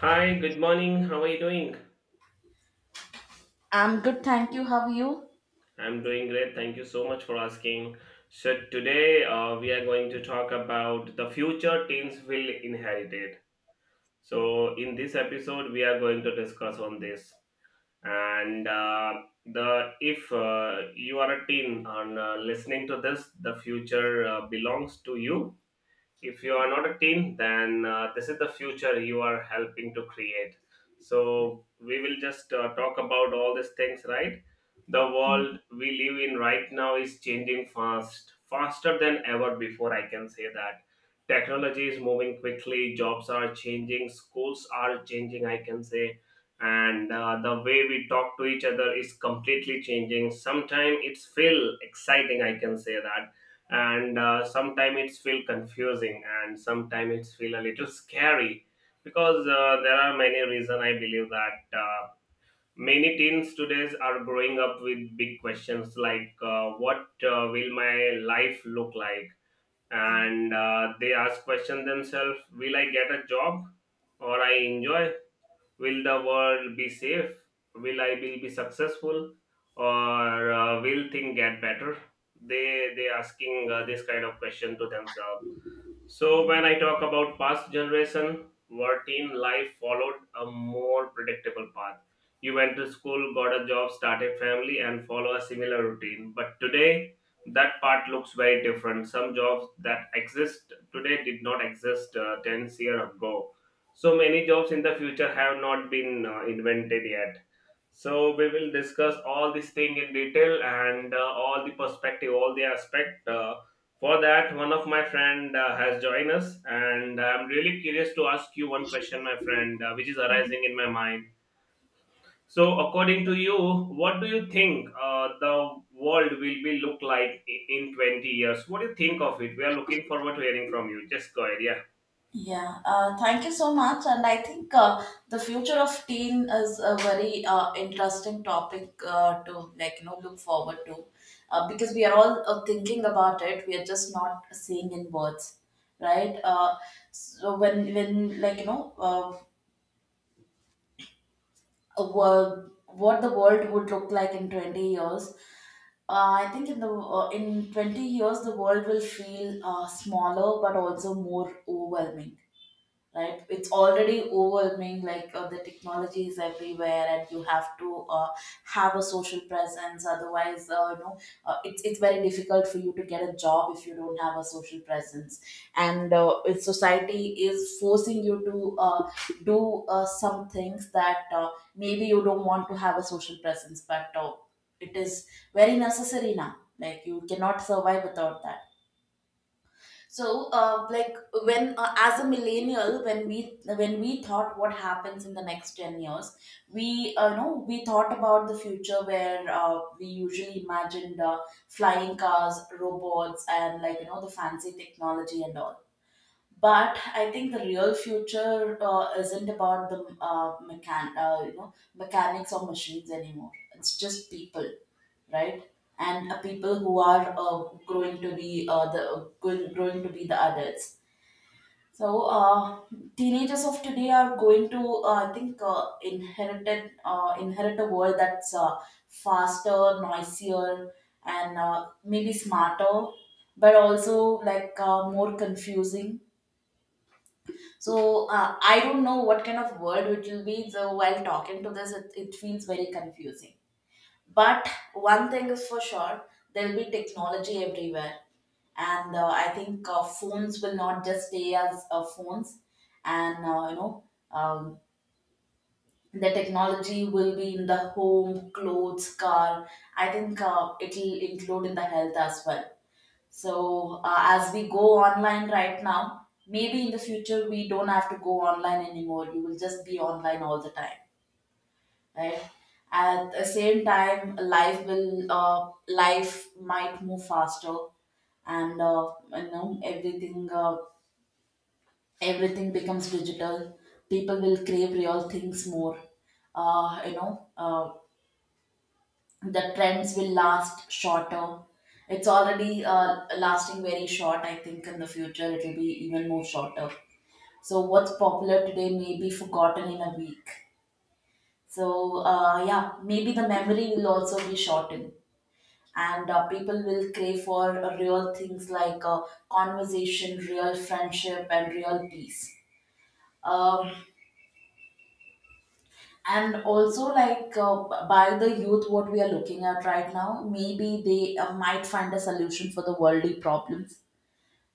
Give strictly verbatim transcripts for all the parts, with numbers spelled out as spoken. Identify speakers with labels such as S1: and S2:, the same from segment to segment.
S1: Hi, good morning. How are you doing?
S2: I'm good, thank you. How are you?
S1: I'm doing great. Thank you so much for asking. So, today uh, we are going to talk about the future teens will inherit it. So, in this episode, we are going to discuss on this. And uh, the if uh, you are a teen and uh, listening to this, the future uh, belongs to you. If you are not a team, then uh, this is the future you are helping to create. So we will just uh, talk about all these things, right? The world we live in right now is changing fast faster than ever before, I can say that. Technology is moving quickly, jobs are changing, schools are changing, I can say. And uh, the way we talk to each other is completely changing. Sometimes it's feel exciting, I can say that. And uh, sometimes it's feel confusing, and sometimes it's feel a little scary, because uh, there are many reasons I believe that. Uh, many teens today are growing up with big questions like, uh, what uh, will my life look like? And uh, they ask question themselves, will I get a job or I enjoy? Will the world be safe? Will I be, be successful? Or uh, will things get better? They they asking uh, this kind of question to themselves. So
S2: Yeah.
S1: when I talk about past generation, routine life followed a more predictable path. You went to school, got a job, started family, and follow a similar routine. But today, that part looks very different. Some jobs that exist today did not exist uh, ten years ago. So many jobs in the future have not been uh, invented yet. So we will discuss all this thing in detail, and uh, all the perspective, all the aspect. Uh, for that, one of my friend uh, has joined us, and I'm really curious to ask you one question, my friend, uh, which is arising in my mind. So, according to you, what do you think uh, the world will be look like i- in twenty years? What do you think of it? We are looking forward to hearing from you. Just go ahead, yeah.
S2: Yeah, uh, Thank you so much. And I think uh, the future of teen is a very uh, interesting topic uh, to like you know look forward to, uh, because we are all uh, thinking about it. We are just not seeing in words, right? Uh, so when when like you know uh, A world, what the world would look like in twenty years. Uh, I think in the uh, in twenty years the world will feel uh, smaller but also more overwhelming. Right, it's already overwhelming. Like uh, the technology is everywhere and you have to uh, have a social presence. Otherwise uh, you know uh, it's, it's very difficult for you to get a job if you don't have a social presence, and uh, if society is forcing you to uh, do uh, some things that uh, maybe you don't want to have a social presence, but uh, it is very necessary now. Like, you cannot survive without that. So uh, like when uh, as a millennial, when we when we thought what happens in the next ten years, we uh, know we thought about the future where uh, we usually imagined uh, flying cars, robots, and like you know the fancy technology and all. But I think the real future uh, isn't about the uh, mechan- uh, you know mechanics or machines anymore. It's just people, right? And uh, people who are uh, growing to be uh, the uh, going, growing to be the adults. So uh, teenagers of today are going to, uh, I think, uh, inherited uh, inherit a world that's uh, faster, noisier, and uh, maybe smarter, but also like uh, more confusing. So uh, I don't know what kind of word it will be. So while talking to this, it, it feels very confusing. But one thing is for sure, there will be technology everywhere, and uh, I think uh, phones will not just stay as uh, phones, and uh, you know. Um, the technology will be in the home, clothes, car. I think uh, it will include in the health as well. So uh, as we go online right now, maybe in the future we don't have to go online anymore. You will just be online all the time, right? At the same time, life will uh, life might move faster, and uh, you know everything uh, everything becomes digital. People will crave real things more. Uh, you know, uh, the trends will last shorter. It's already uh, lasting very short. I think in the future it will be even more shorter. So what's popular today may be forgotten in a week. So uh, yeah, maybe the memory will also be shortened, and uh, people will crave for uh, real things like uh, conversation, real friendship, and real peace. Um, and also, like uh, by the youth, what we are looking at right now, maybe they uh, might find a solution for the worldly problems.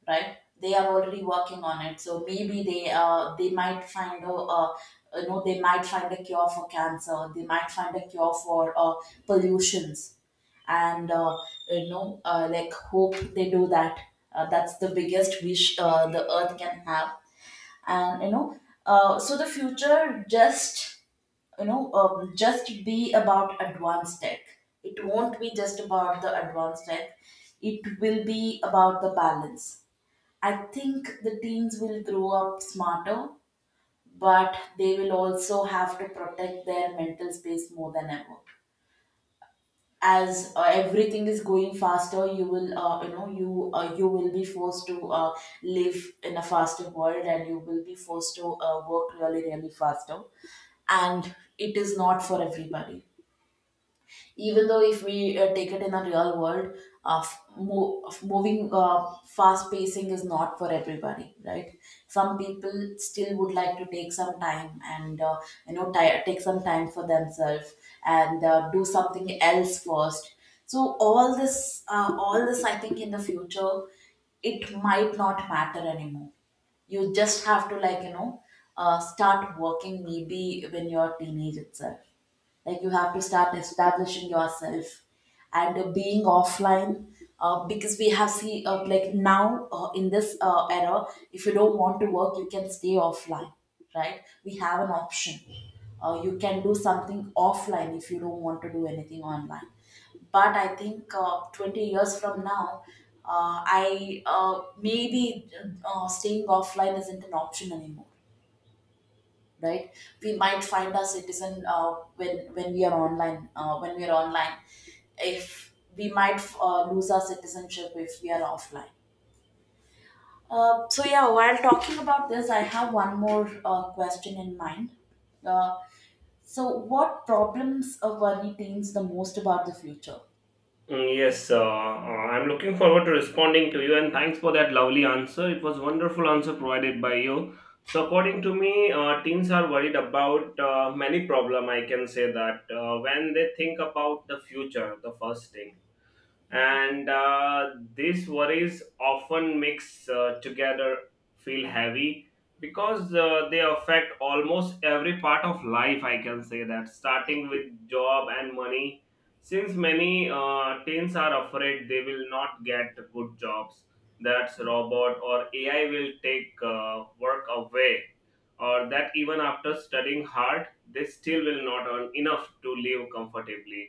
S2: Right, they are already working on it. So maybe they uh, they might find a uh, you know they might find a cure for cancer, they might find a cure for uh, pollutions. And uh, you know uh, like hope they do that. Uh, that's the biggest wish uh, the earth can have. And you know uh, so the future just you know um, just be about advanced tech. It won't be just about the advanced tech, it will be about the balance. I think the teens will grow up smarter, but they will also have to protect their mental space more than ever. As uh, everything is going faster, you will uh, you know you uh, you will be forced to uh, live in a faster world, and you will be forced to uh, work really really faster. And it is not for everybody. Even though if we uh, take it in the real world, of mo- of moving uh, fast, pacing is not for everybody, right? Some people still would like to take some time and uh, you know ti- take some time for themselves, and uh, do something else first. So all this uh, all this, I think, in the future it might not matter anymore. You just have to like you know uh, start working maybe when you're teenage itself. Like, you have to start establishing yourself, and uh, being offline. Uh, because we have see, uh, like now uh, in this uh, era, if you don't want to work you can stay offline, right? We have an option. Uh, you can do something offline if you don't want to do anything online. But I think uh, twenty years from now, uh, I uh, maybe uh, staying offline isn't an option anymore. Right, we might find our citizen, uh, when when we are online. Uh, when we are online if we might uh, lose our citizenship if we are offline. Uh, so yeah, while talking about this I have one more uh, question in mind. Uh, so what problems uh, worry teens the most about the future?
S1: Mm, Yes, uh, uh, I'm looking forward to responding to you, and thanks for that lovely answer. It was wonderful answer provided by you. So according to me, uh, teens are worried about uh, many problem. I can say that uh, when they think about the future, the first thing. And uh, these worries often mix uh, together, feel heavy, because uh, they affect almost every part of life, I can say that, starting with job and money. Since many uh, teens are afraid they will not get good jobs, that's robot or ai will take uh, work away, or that even after studying hard they still will not earn enough to live comfortably.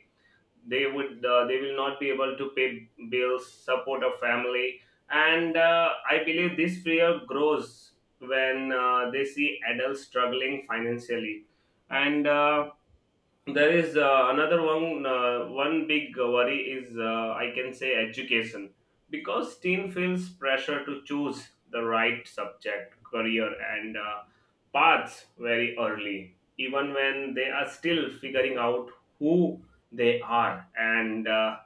S1: They would uh, they will not be able to pay bills, support a family. And uh, I believe this fear grows when uh, they see adults struggling financially. And uh, there is uh, another one. Uh, one big worry is, uh, I can say, education, because teen feels pressure to choose the right subject, career, and uh, paths very early, even when they are still figuring out who they are. And uh,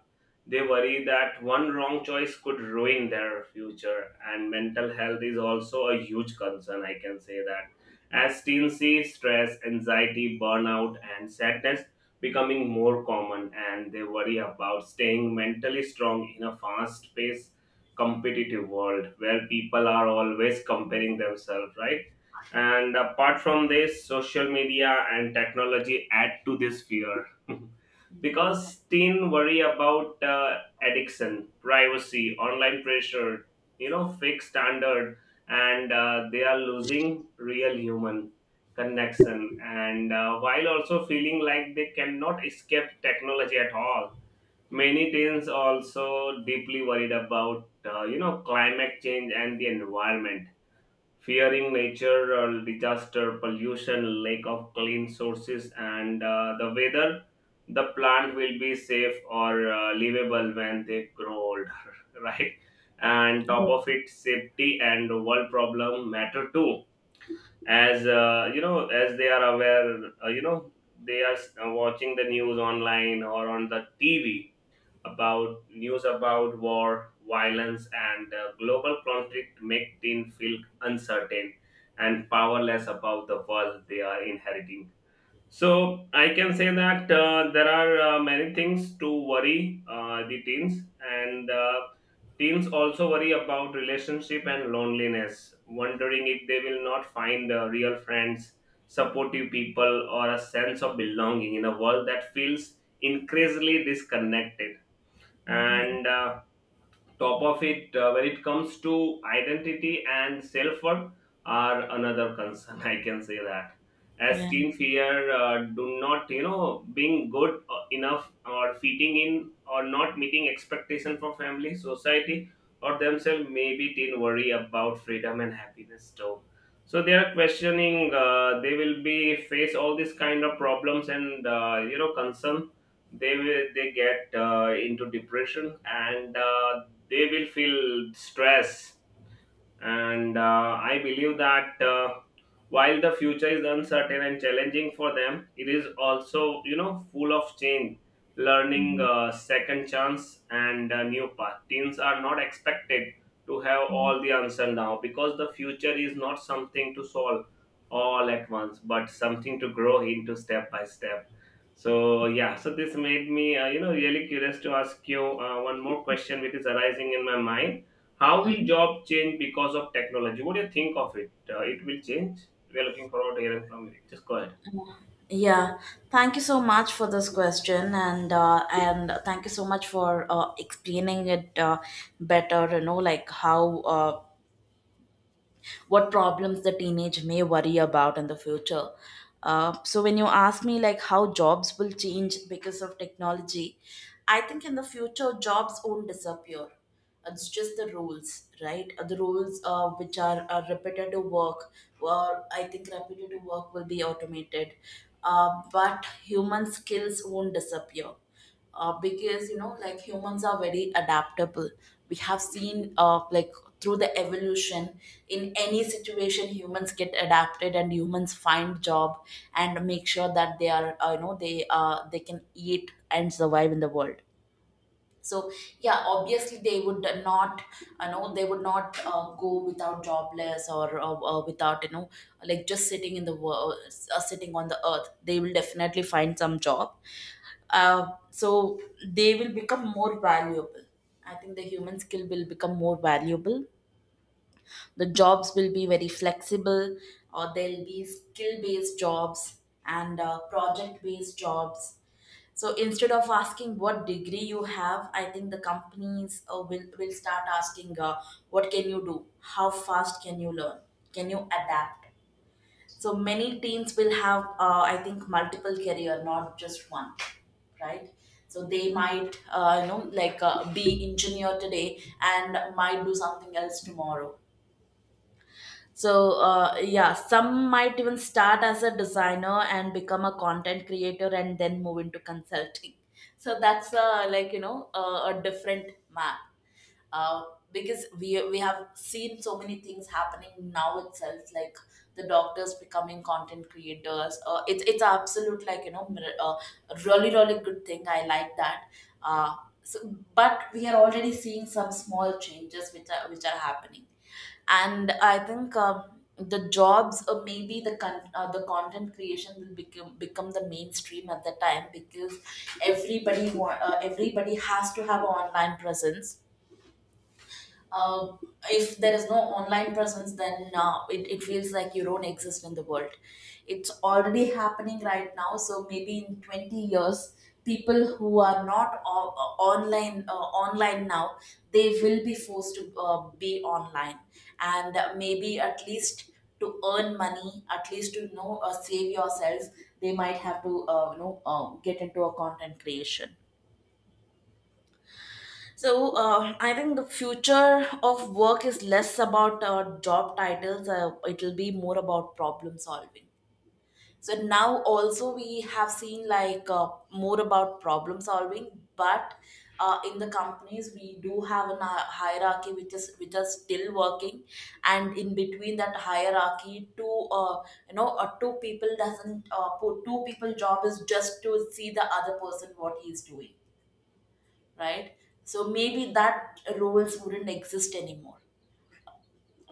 S1: they worry that one wrong choice could ruin their future. And mental health is also a huge concern, I can say that. As teens see stress, anxiety, burnout, and sadness becoming more common, and they worry about staying mentally strong in a fast paced, competitive world where people are always comparing themselves, right? And apart from this, social media and technology add to this fear.
S2: Yeah.
S1: Because teen worry about uh, addiction, privacy, online pressure, you know, fake standards, and uh, they are losing real human connection, and uh, while also feeling like they cannot escape technology at all. Many teens also deeply worried about uh, you know, climate change and the environment, fearing natural disaster, pollution, lack of clean sources, and uh, the weather, the plant will be safe or uh, livable when they grow older, right? And top of it, safety and world problem matter too. As uh, you know, as they are aware, uh, you know, they are s- uh, watching the news online or on the T V, about news about war, violence, and uh, global conflict make teen feel uncertain and powerless about the world they are inheriting. So I can say that uh, there are uh, many things to worry uh, the teens. And uh, teens also worry about relationship and loneliness, wondering if they will not find uh, real friends, supportive people, or a sense of belonging in a world that feels increasingly disconnected. And uh, top of it, uh, when it comes to identity and self worth are another concern, I can say that, as
S2: Yeah.
S1: teens here uh, do not you know being good uh, enough or fitting in or not meeting expectation for family society or themselves. Maybe teen worry about freedom and happiness too. So they are questioning, uh, they will be face all these kind of problems and uh, you know, concern. They will they get uh, into depression, and uh, they will feel stress. And uh, I believe that uh, while the future is uncertain and challenging for them, it is also you know full of change, learning, uh, second chance, and uh, new path. Teens are not expected to have all the answer now, because the future is not something to solve all at once, but something to grow into step by step. So yeah, so this made me uh, you know really curious to ask you uh, one more question which is arising in my mind. How will job change because of technology? What do you think of it? Uh, it will change. We are looking forward to hearing from you. Just go ahead.
S2: Yeah, Thank you so much for this question, and uh, and thank you so much for uh, explaining it uh, better. You know, like, how uh, what problems the teenage may worry about in the future. Uh, so when you ask me like how jobs will change because of technology, I think in the future jobs won't disappear. It's just the rules, right? Uh, The rules uh, which are uh, repetitive work, or I think repetitive work will be automated. Uh, but human skills won't disappear, uh, because you know like humans are very adaptable. We have seen, uh, like through the evolution, in any situation humans get adapted and humans find job, and make sure that they are, uh, you know they uh, they can eat and survive in the world. So yeah, obviously they would not, you know they would not uh, go without jobless, or uh, uh, without you know like just sitting in the world, uh, sitting on the earth. They will definitely find some job. Uh, so they will become more valuable. I think the human skill will become more valuable. The jobs will be very flexible, or there'll be skill based jobs, and uh, project based jobs. So instead of asking what degree you have, I think the companies uh, will, will start asking, uh, what can you do, how fast can you learn, can you adapt? So many teens will have, uh, I think, multiple career, not just one, right? So they might, uh, you know, like uh, be engineer today and might do something else tomorrow. So uh, yeah, some might even start as a designer and become a content creator and then move into consulting. So that's uh, like you know uh, a different map. Uh, because we we have seen so many things happening now itself, like the doctors becoming content creators. Uh, it's it's absolute, like you know mir- uh, really really good thing. I like that. Uh, so, but we are already seeing some small changes which are which are happening, and I think um, the jobs, or maybe the con- uh, the content creation will become become the mainstream at the time, because everybody wa- uh, everybody has to have an online presence. uh, if there is no online presence, then uh, it, it feels like you don't exist in the world. It's already happening right now, so maybe in twenty years, people who are not o- online uh, online now, they will be forced to uh, be online, and uh, maybe at least to earn money, at least to you know uh, save yourself, they might have to uh, you know uh, get into a content creation. So uh, I think the future of work is less about uh, job titles. Uh, it will be more about problem solving. So now also we have seen like uh, more about problem solving, but uh, in the companies we do have a hierarchy which is which are still working, and in between that hierarchy, two uh, you know uh, two people doesn't uh, put, two people job is just to see the other person what he is doing, right? So maybe that roles wouldn't exist anymore.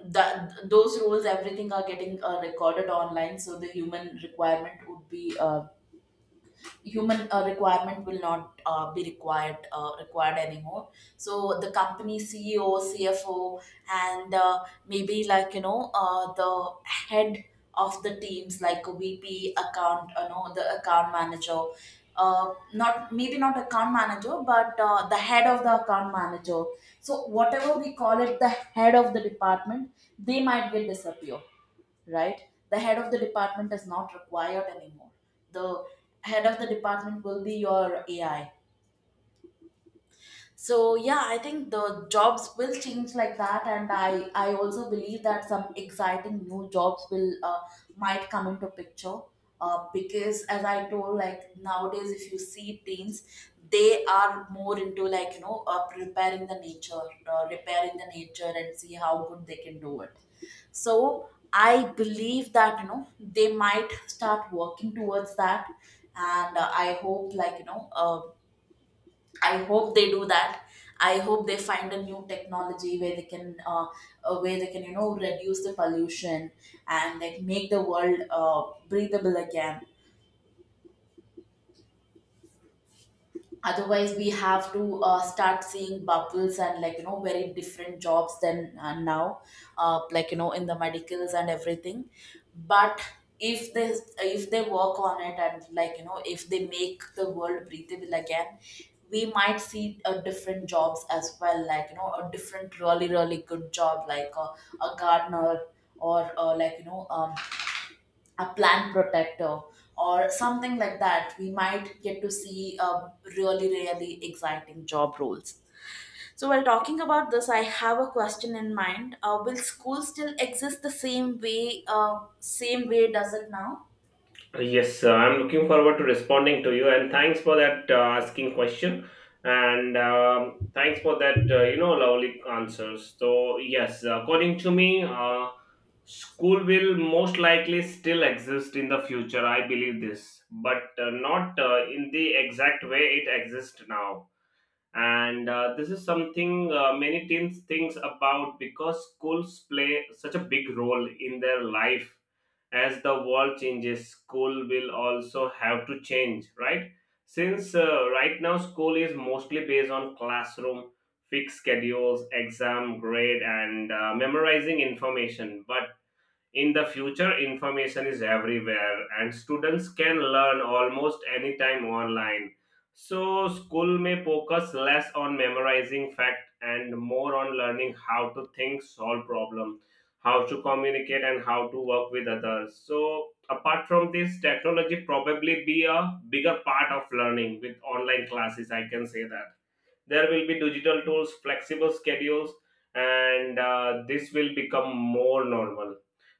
S2: That those roles, everything are getting uh, recorded online, so the human requirement would be uh, human uh, requirement will not uh, be required uh, required anymore. So the company ceo, cfo, and uh, maybe like you know uh, the head of the teams, like vp account, you know the account manager, uh, not maybe not account manager but uh, the head of the account manager, so whatever we call it, the head of the department, they might will disappear, right? The head of the department is not required anymore. The head of the department will be your A I. So yeah, I think the jobs will change like that, and i i also believe that some exciting new jobs will uh, might come into picture uh, because as I told, like nowadays if you see teens, they are more into like you know uh, preparing the nature, uh, repairing the nature and see how good they can do it. So I believe that you know they might start working towards that. And uh, I hope like you know uh, I hope they do that. I hope they find a new technology where they can, uh, uh, where they can, you know, reduce the pollution and like make the world uh, breathable again. Otherwise we have to uh, start seeing bubbles and like you know very different jobs than uh, now, uh, like you know in the medicals and everything. But if they, if they work on it and like you know if they make the world breathable again, we might see uh, different jobs as well, like you know a different really really good job like a, a gardener or uh, like you know um, a plant protector or something like that. We might get to see um, really really exciting job roles. So, while talking about this, I have a question in mind. Uh, will school still exist the same way? Uh, Same way does it now?
S1: Uh, Yes, uh, I'm looking forward to responding to you, and thanks for that uh, asking question, and um, thanks for that uh, you know lovely answers. So yes, according to me, uh, school will most likely still exist in the future. I believe this, but uh, not uh, in the exact way it exists now. And uh, this is something uh, many teens thinks about, because schools play such a big role in their life. As the world changes, school will also have to change, right? Since uh, right now school is mostly based on classroom, fixed schedules, exam grade, and uh, memorizing information. But in the future, information is everywhere and students can learn almost anytime online. So, school may focus less on memorizing fact and more on learning how to think, solve problem, how to communicate and how to work with others. So, apart from this, technology probably be a bigger part of learning with online classes, I can say that. There will be digital tools, flexible schedules, and uh, this will become more normal.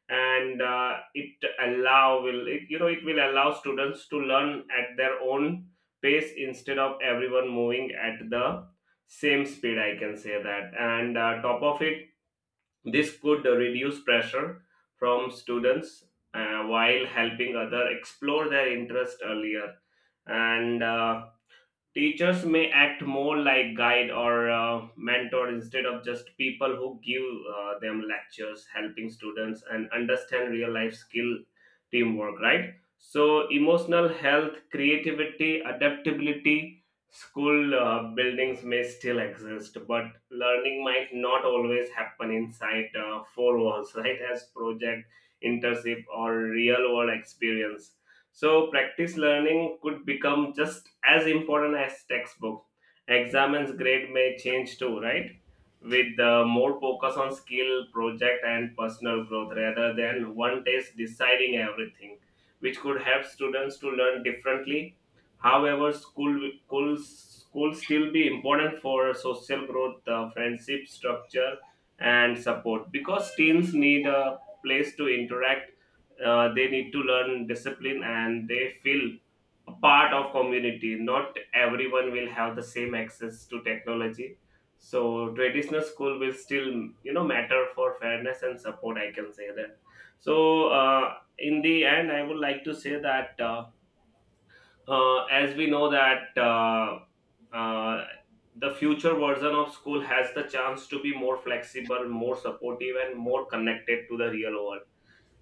S1: And uh, it allow will it, you know, it will allow students to learn at their own pace instead of everyone moving at the same speed, I can say that. And uh, top of it, this could reduce pressure from students, uh, while helping other explore their interest earlier. And uh, teachers may act more like guide or uh, mentor, instead of just people who give uh, them lectures, helping students and understand real life skill, teamwork, right? So, emotional health, creativity, adaptability, school uh, buildings may still exist, but learning might not always happen inside uh, four walls, right? As project, internship, or real world experience. So, practice learning could become just as important as textbook. Examines grade may change too, right? With uh, more focus on skill, project, and personal growth rather than one test deciding everything, which could help students to learn differently. However, school school school still be important for social growth, uh, friendship structure, and support, because teens need a place to interact. Uh, they need to learn discipline and they feel a part of community. Not everyone will have the same access to technology, so traditional school will still you know matter for fairness and support, I can say that. So uh, in the end, I would like to say that, uh, uh, as we know that, uh, uh, the future version of school has the chance to be more flexible, more supportive, and more connected to the real world.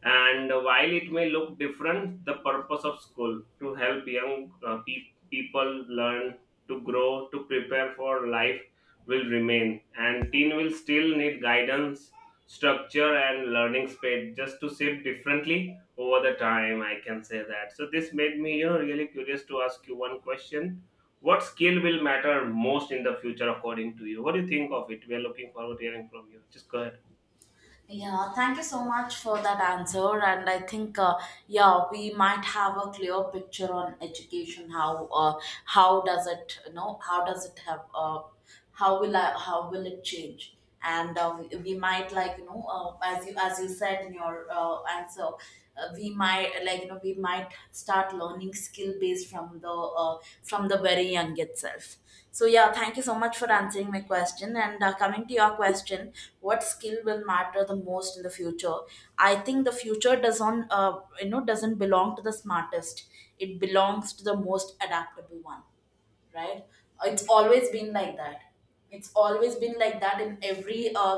S1: And while it may look different, the purpose of school to help young uh, pe- people learn, to grow, to prepare for life will remain. And teen will still need guidance, structure, and learning space, just to shape differently over the time. I can say that. So this made me, you know, really curious to ask you one question. What skill will matter most in the future, according to you? What do you think of it? We are looking forward to hearing from you. Just go ahead.
S2: Yeah, thank you so much for that answer. And I think, uh, yeah, we might have a clear picture on education. How uh, how does it, you know, how does it have, uh, how will I, how will it change? And uh, we we might like, you know, uh, as you as you said in your uh, answer, uh, we might like you know we might start learning skill based from the uh, from the very young itself. So yeah, thank you so much for answering my question. And uh, coming to your question, what skill will matter the most in the future? I think the future doesn't uh, you know doesn't belong to the smartest. It belongs to the most adaptable one, right? It's always been like that. It's always been like that in every uh,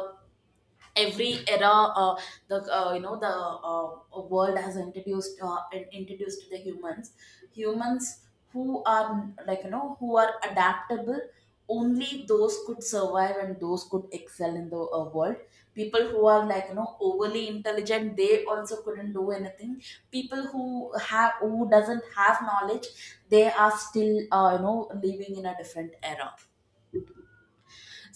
S2: every era. Uh, the uh, you know the uh, world has introduced uh, in- introduced the humans, humans who are like you know who are adaptable. Only those could survive and those could excel in the uh, world. People who are like you know overly intelligent, they also couldn't do anything. People who have, who doesn't have knowledge, they are still uh, you know living in a different era.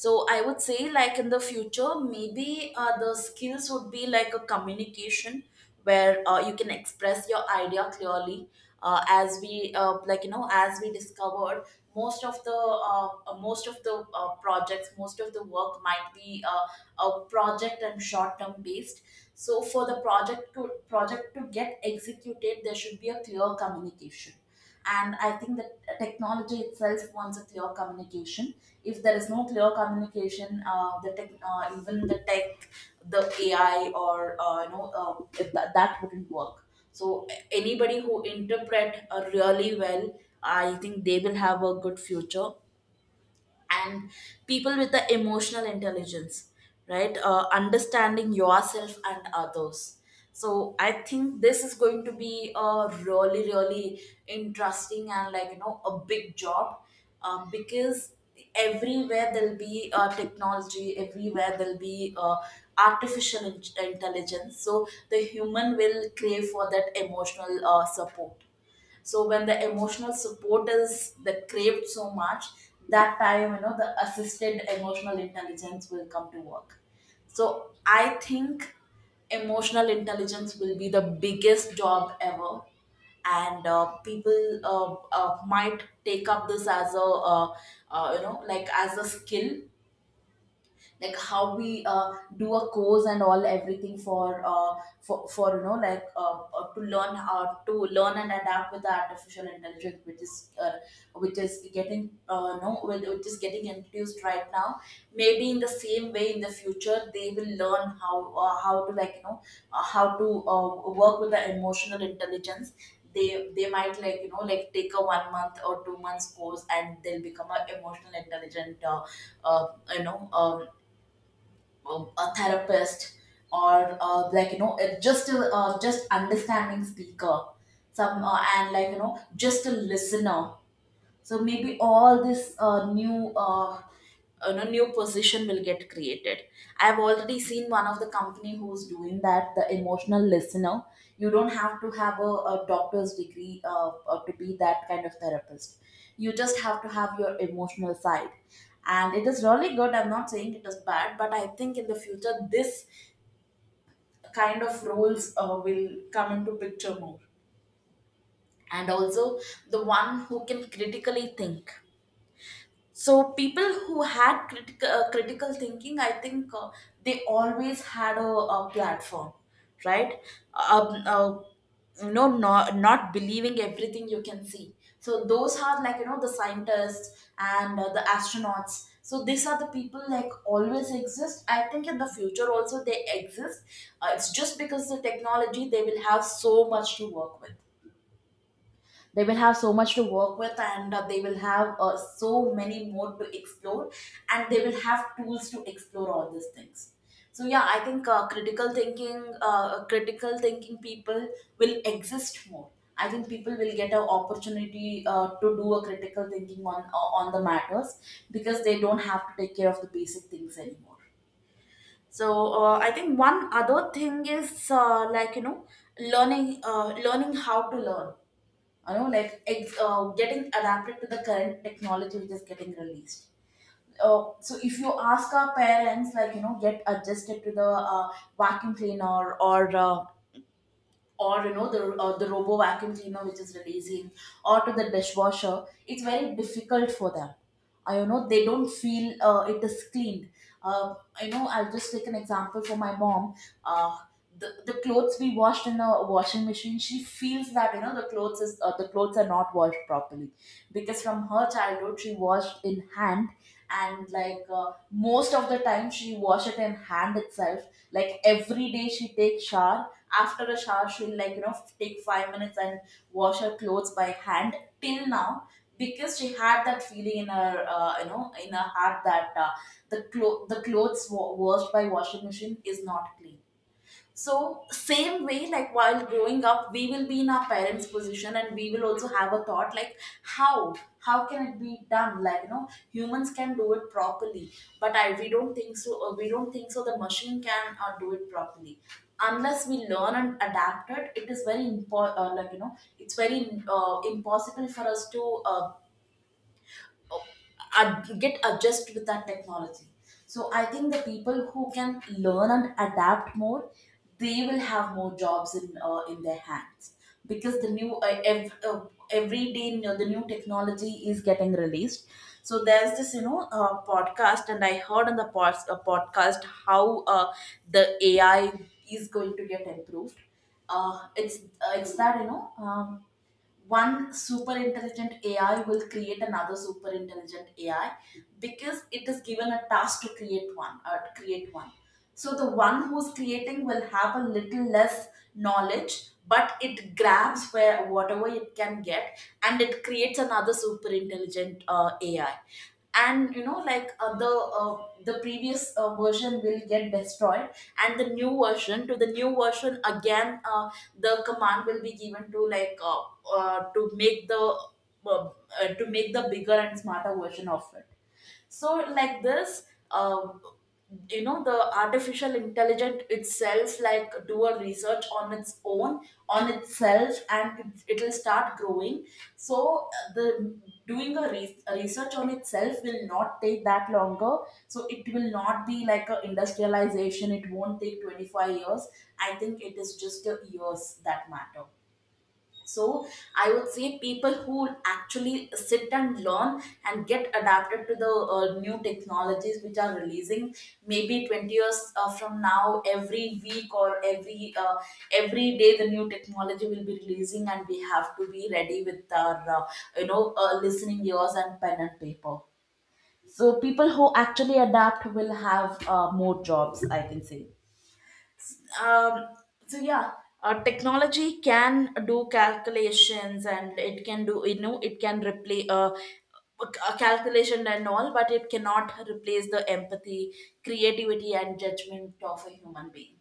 S2: So I would say like in the future maybe uh, the skills would be like a communication, where uh, you can express your idea clearly. Uh, as we uh, like you know as we discovered, most of the uh, uh, most of the uh, projects, most of the work might be uh, a project and short term based. So for the project to project to get executed, there should be a clear communication. And I think that technology itself wants a clear communication. If there is no clear communication, uh, the tech, uh, even the tech, the AI or uh, you know uh, if that that wouldn't work. So anybody who interpret uh, really well, I think they will have a good future. And people with the emotional intelligence, right? Uh, understanding yourself and others. So I think this is going to be a really really interesting and like you know a big job. Um, because everywhere there'll be uh, technology, everywhere there'll be uh, artificial in- intelligence, so the human will crave for that emotional uh, support. So when the emotional support is the craved so much, that time you know the assisted emotional intelligence will come to work. So I think emotional intelligence will be the biggest job ever. And uh, people uh, uh, might take up this as a uh, uh, you know like as a skill. Like how we uh, do a course and all everything for uh, for, for you know like uh, uh, to learn how to learn and adapt with the artificial intelligence, which is uh, which is getting uh, no which which is getting introduced right now. Maybe in the same way in the future they will learn how uh, how to like you know uh, how to uh, work with the emotional intelligence. They they might like you know like take a one month or two months course, and they'll become an emotional intelligent uh, uh, you know um, a a therapist or uh, like you know it- just a uh, just understanding speaker, some uh, and like you know just a listener. So maybe all this uh, new uh, you know, new position will get created. I've already seen one of the company who's doing that, the emotional listener. You don't have to have a, a doctor's degree uh, uh, to be that kind of therapist. You just have to have your emotional side. And it is really good. I'm not saying it is bad, but I think in the future, this kind of roles uh, will come into picture more. And also the one who can critically think. So people who had critical uh, critical thinking, I think uh, they always had a, a platform, right? um, uh, you know, not, not believing everything you can see. So those are like you know the scientists and uh, the astronauts, so these are the people like always exist. I think in the future also they exist. Uh, it's just because the technology they will have so much to work with. They will have so much to work with, and uh, they will have uh, so many more to explore, and they will have tools to explore all these things. So yeah, I think uh, critical thinking uh, critical thinking people will exist more. I think people will get an opportunity uh, to do a critical thinking on uh, on the matters, because they don't have to take care of the basic things anymore. So uh, I think one other thing is uh, like you know learning, uh, learning how to learn. You know like ex- uh, getting adapted to the current technology which is getting released. Uh, so if you ask our parents like you know get adjusted to the uh, vacuum cleaner or uh, or you know the uh, the robo vacuum cleaner which is releasing, or to the dishwasher, it's very difficult for them. Uh, you know they don't feel uh, it is cleaned. uh, you know I'll just take an example for my mom. uh, the, the clothes we washed in a washing machine, she feels that you know the clothes is uh, the clothes are not washed properly, because from her childhood she washed in hand. And like uh, most of the time she wash it in hand itself. Like every day she takes shower, after a shower she'll like you know take five minutes and wash her clothes by hand till now, because she had that feeling in her uh, you know in her heart that uh, the clo- the clothes wa- washed by washing machine is not clean. So, same way, like while growing up, we will be in our parents' position, and we will also have a thought like, how? How can it be done? Like, you know, humans can do it properly, but I we don't think so, or we don't think so the machine can uh, do it properly. Unless we learn and adapt it, it is very important, uh, like, you know, it's very uh, impossible for us to uh, ad- get adjust with that technology. So I think the people who can learn and adapt more, they will have more jobs in uh, in their hands. Because the new uh, ev- uh, every day you know, the new technology is getting released. So there's this you know uh, podcast, and I heard on the pod- uh, podcast how uh, the AI is going to get improved. uh, it's uh, it's that you know um, one super intelligent A I will create another super intelligent A I, because it is given a task to create one or to create one. So the one who's creating will have a little less knowledge, but it grabs where whatever it can get, and it creates another super intelligent uh, A I. And you know like uh, the uh, the previous uh, version will get destroyed, and the new version, to the new version again, uh, the command will be given to like uh, uh, to make the uh, uh, to make the bigger and smarter version of it. So like this, um, you know the artificial intelligence itself like do a research on its own, on itself, and it- it'll start growing. So uh, the doing a, re- a research on itself will not take that longer. So it will not be like a industrialization, it won't take twenty-five years. I think it is just the years that matter. So I would say people who actually sit and learn and get adapted to the uh, new technologies which are releasing. Maybe twenty years uh, from now every week or every uh, every day the new technology will be releasing, and we have to be ready with our uh, you know uh, listening ears and pen and paper. So people who actually adapt will have uh, more jobs I can say. um, so yeah, uh, technology can do calculations and it can do you know it can replace uh, a calculation and all, but it cannot replace the empathy, creativity and judgment of a human being.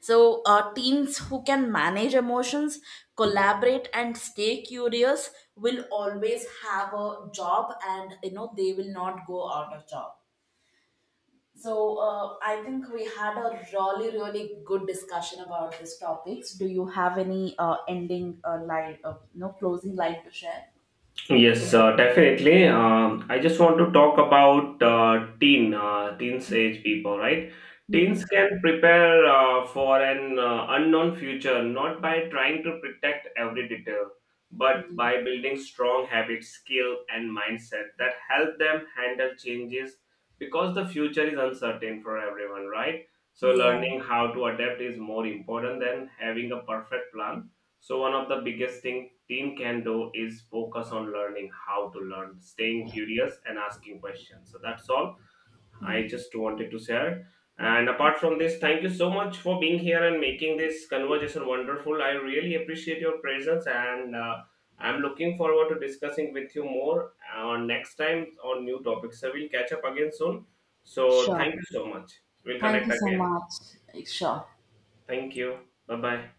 S2: So uh, teens who can manage emotions, collaborate and stay curious will always have a job, and you know they will not go out of job. So uh, I think we had a really, really good discussion about these topics. Do you have any uh, ending uh, line, uh, no closing line to share?
S1: Yes, uh, definitely. Um, I just want to talk about uh, teen, uh, teens age people, right? Teens
S2: Mhm.
S1: can prepare uh, for an uh, unknown future, not by trying to protect every detail, but by building strong habits, skill, and mindset that help them handle changes, because the future is uncertain for everyone, right? So,
S2: Yeah,
S1: learning how to adapt is more important than having a perfect plan. So, one of the biggest things Team Can Do is focus on learning how to learn, staying curious, and asking questions. So that's all. I just wanted to share. And apart from this, thank you so much for being here and making this conversation wonderful. I really appreciate your presence, and uh, I'm looking forward to discussing with you more on next time on new topics. So we'll catch up again soon. So
S2: sure.
S1: thank you so much. We'll
S2: Thank
S1: connect
S2: you so
S1: again.
S2: much. Sure.
S1: Thank you. Bye bye.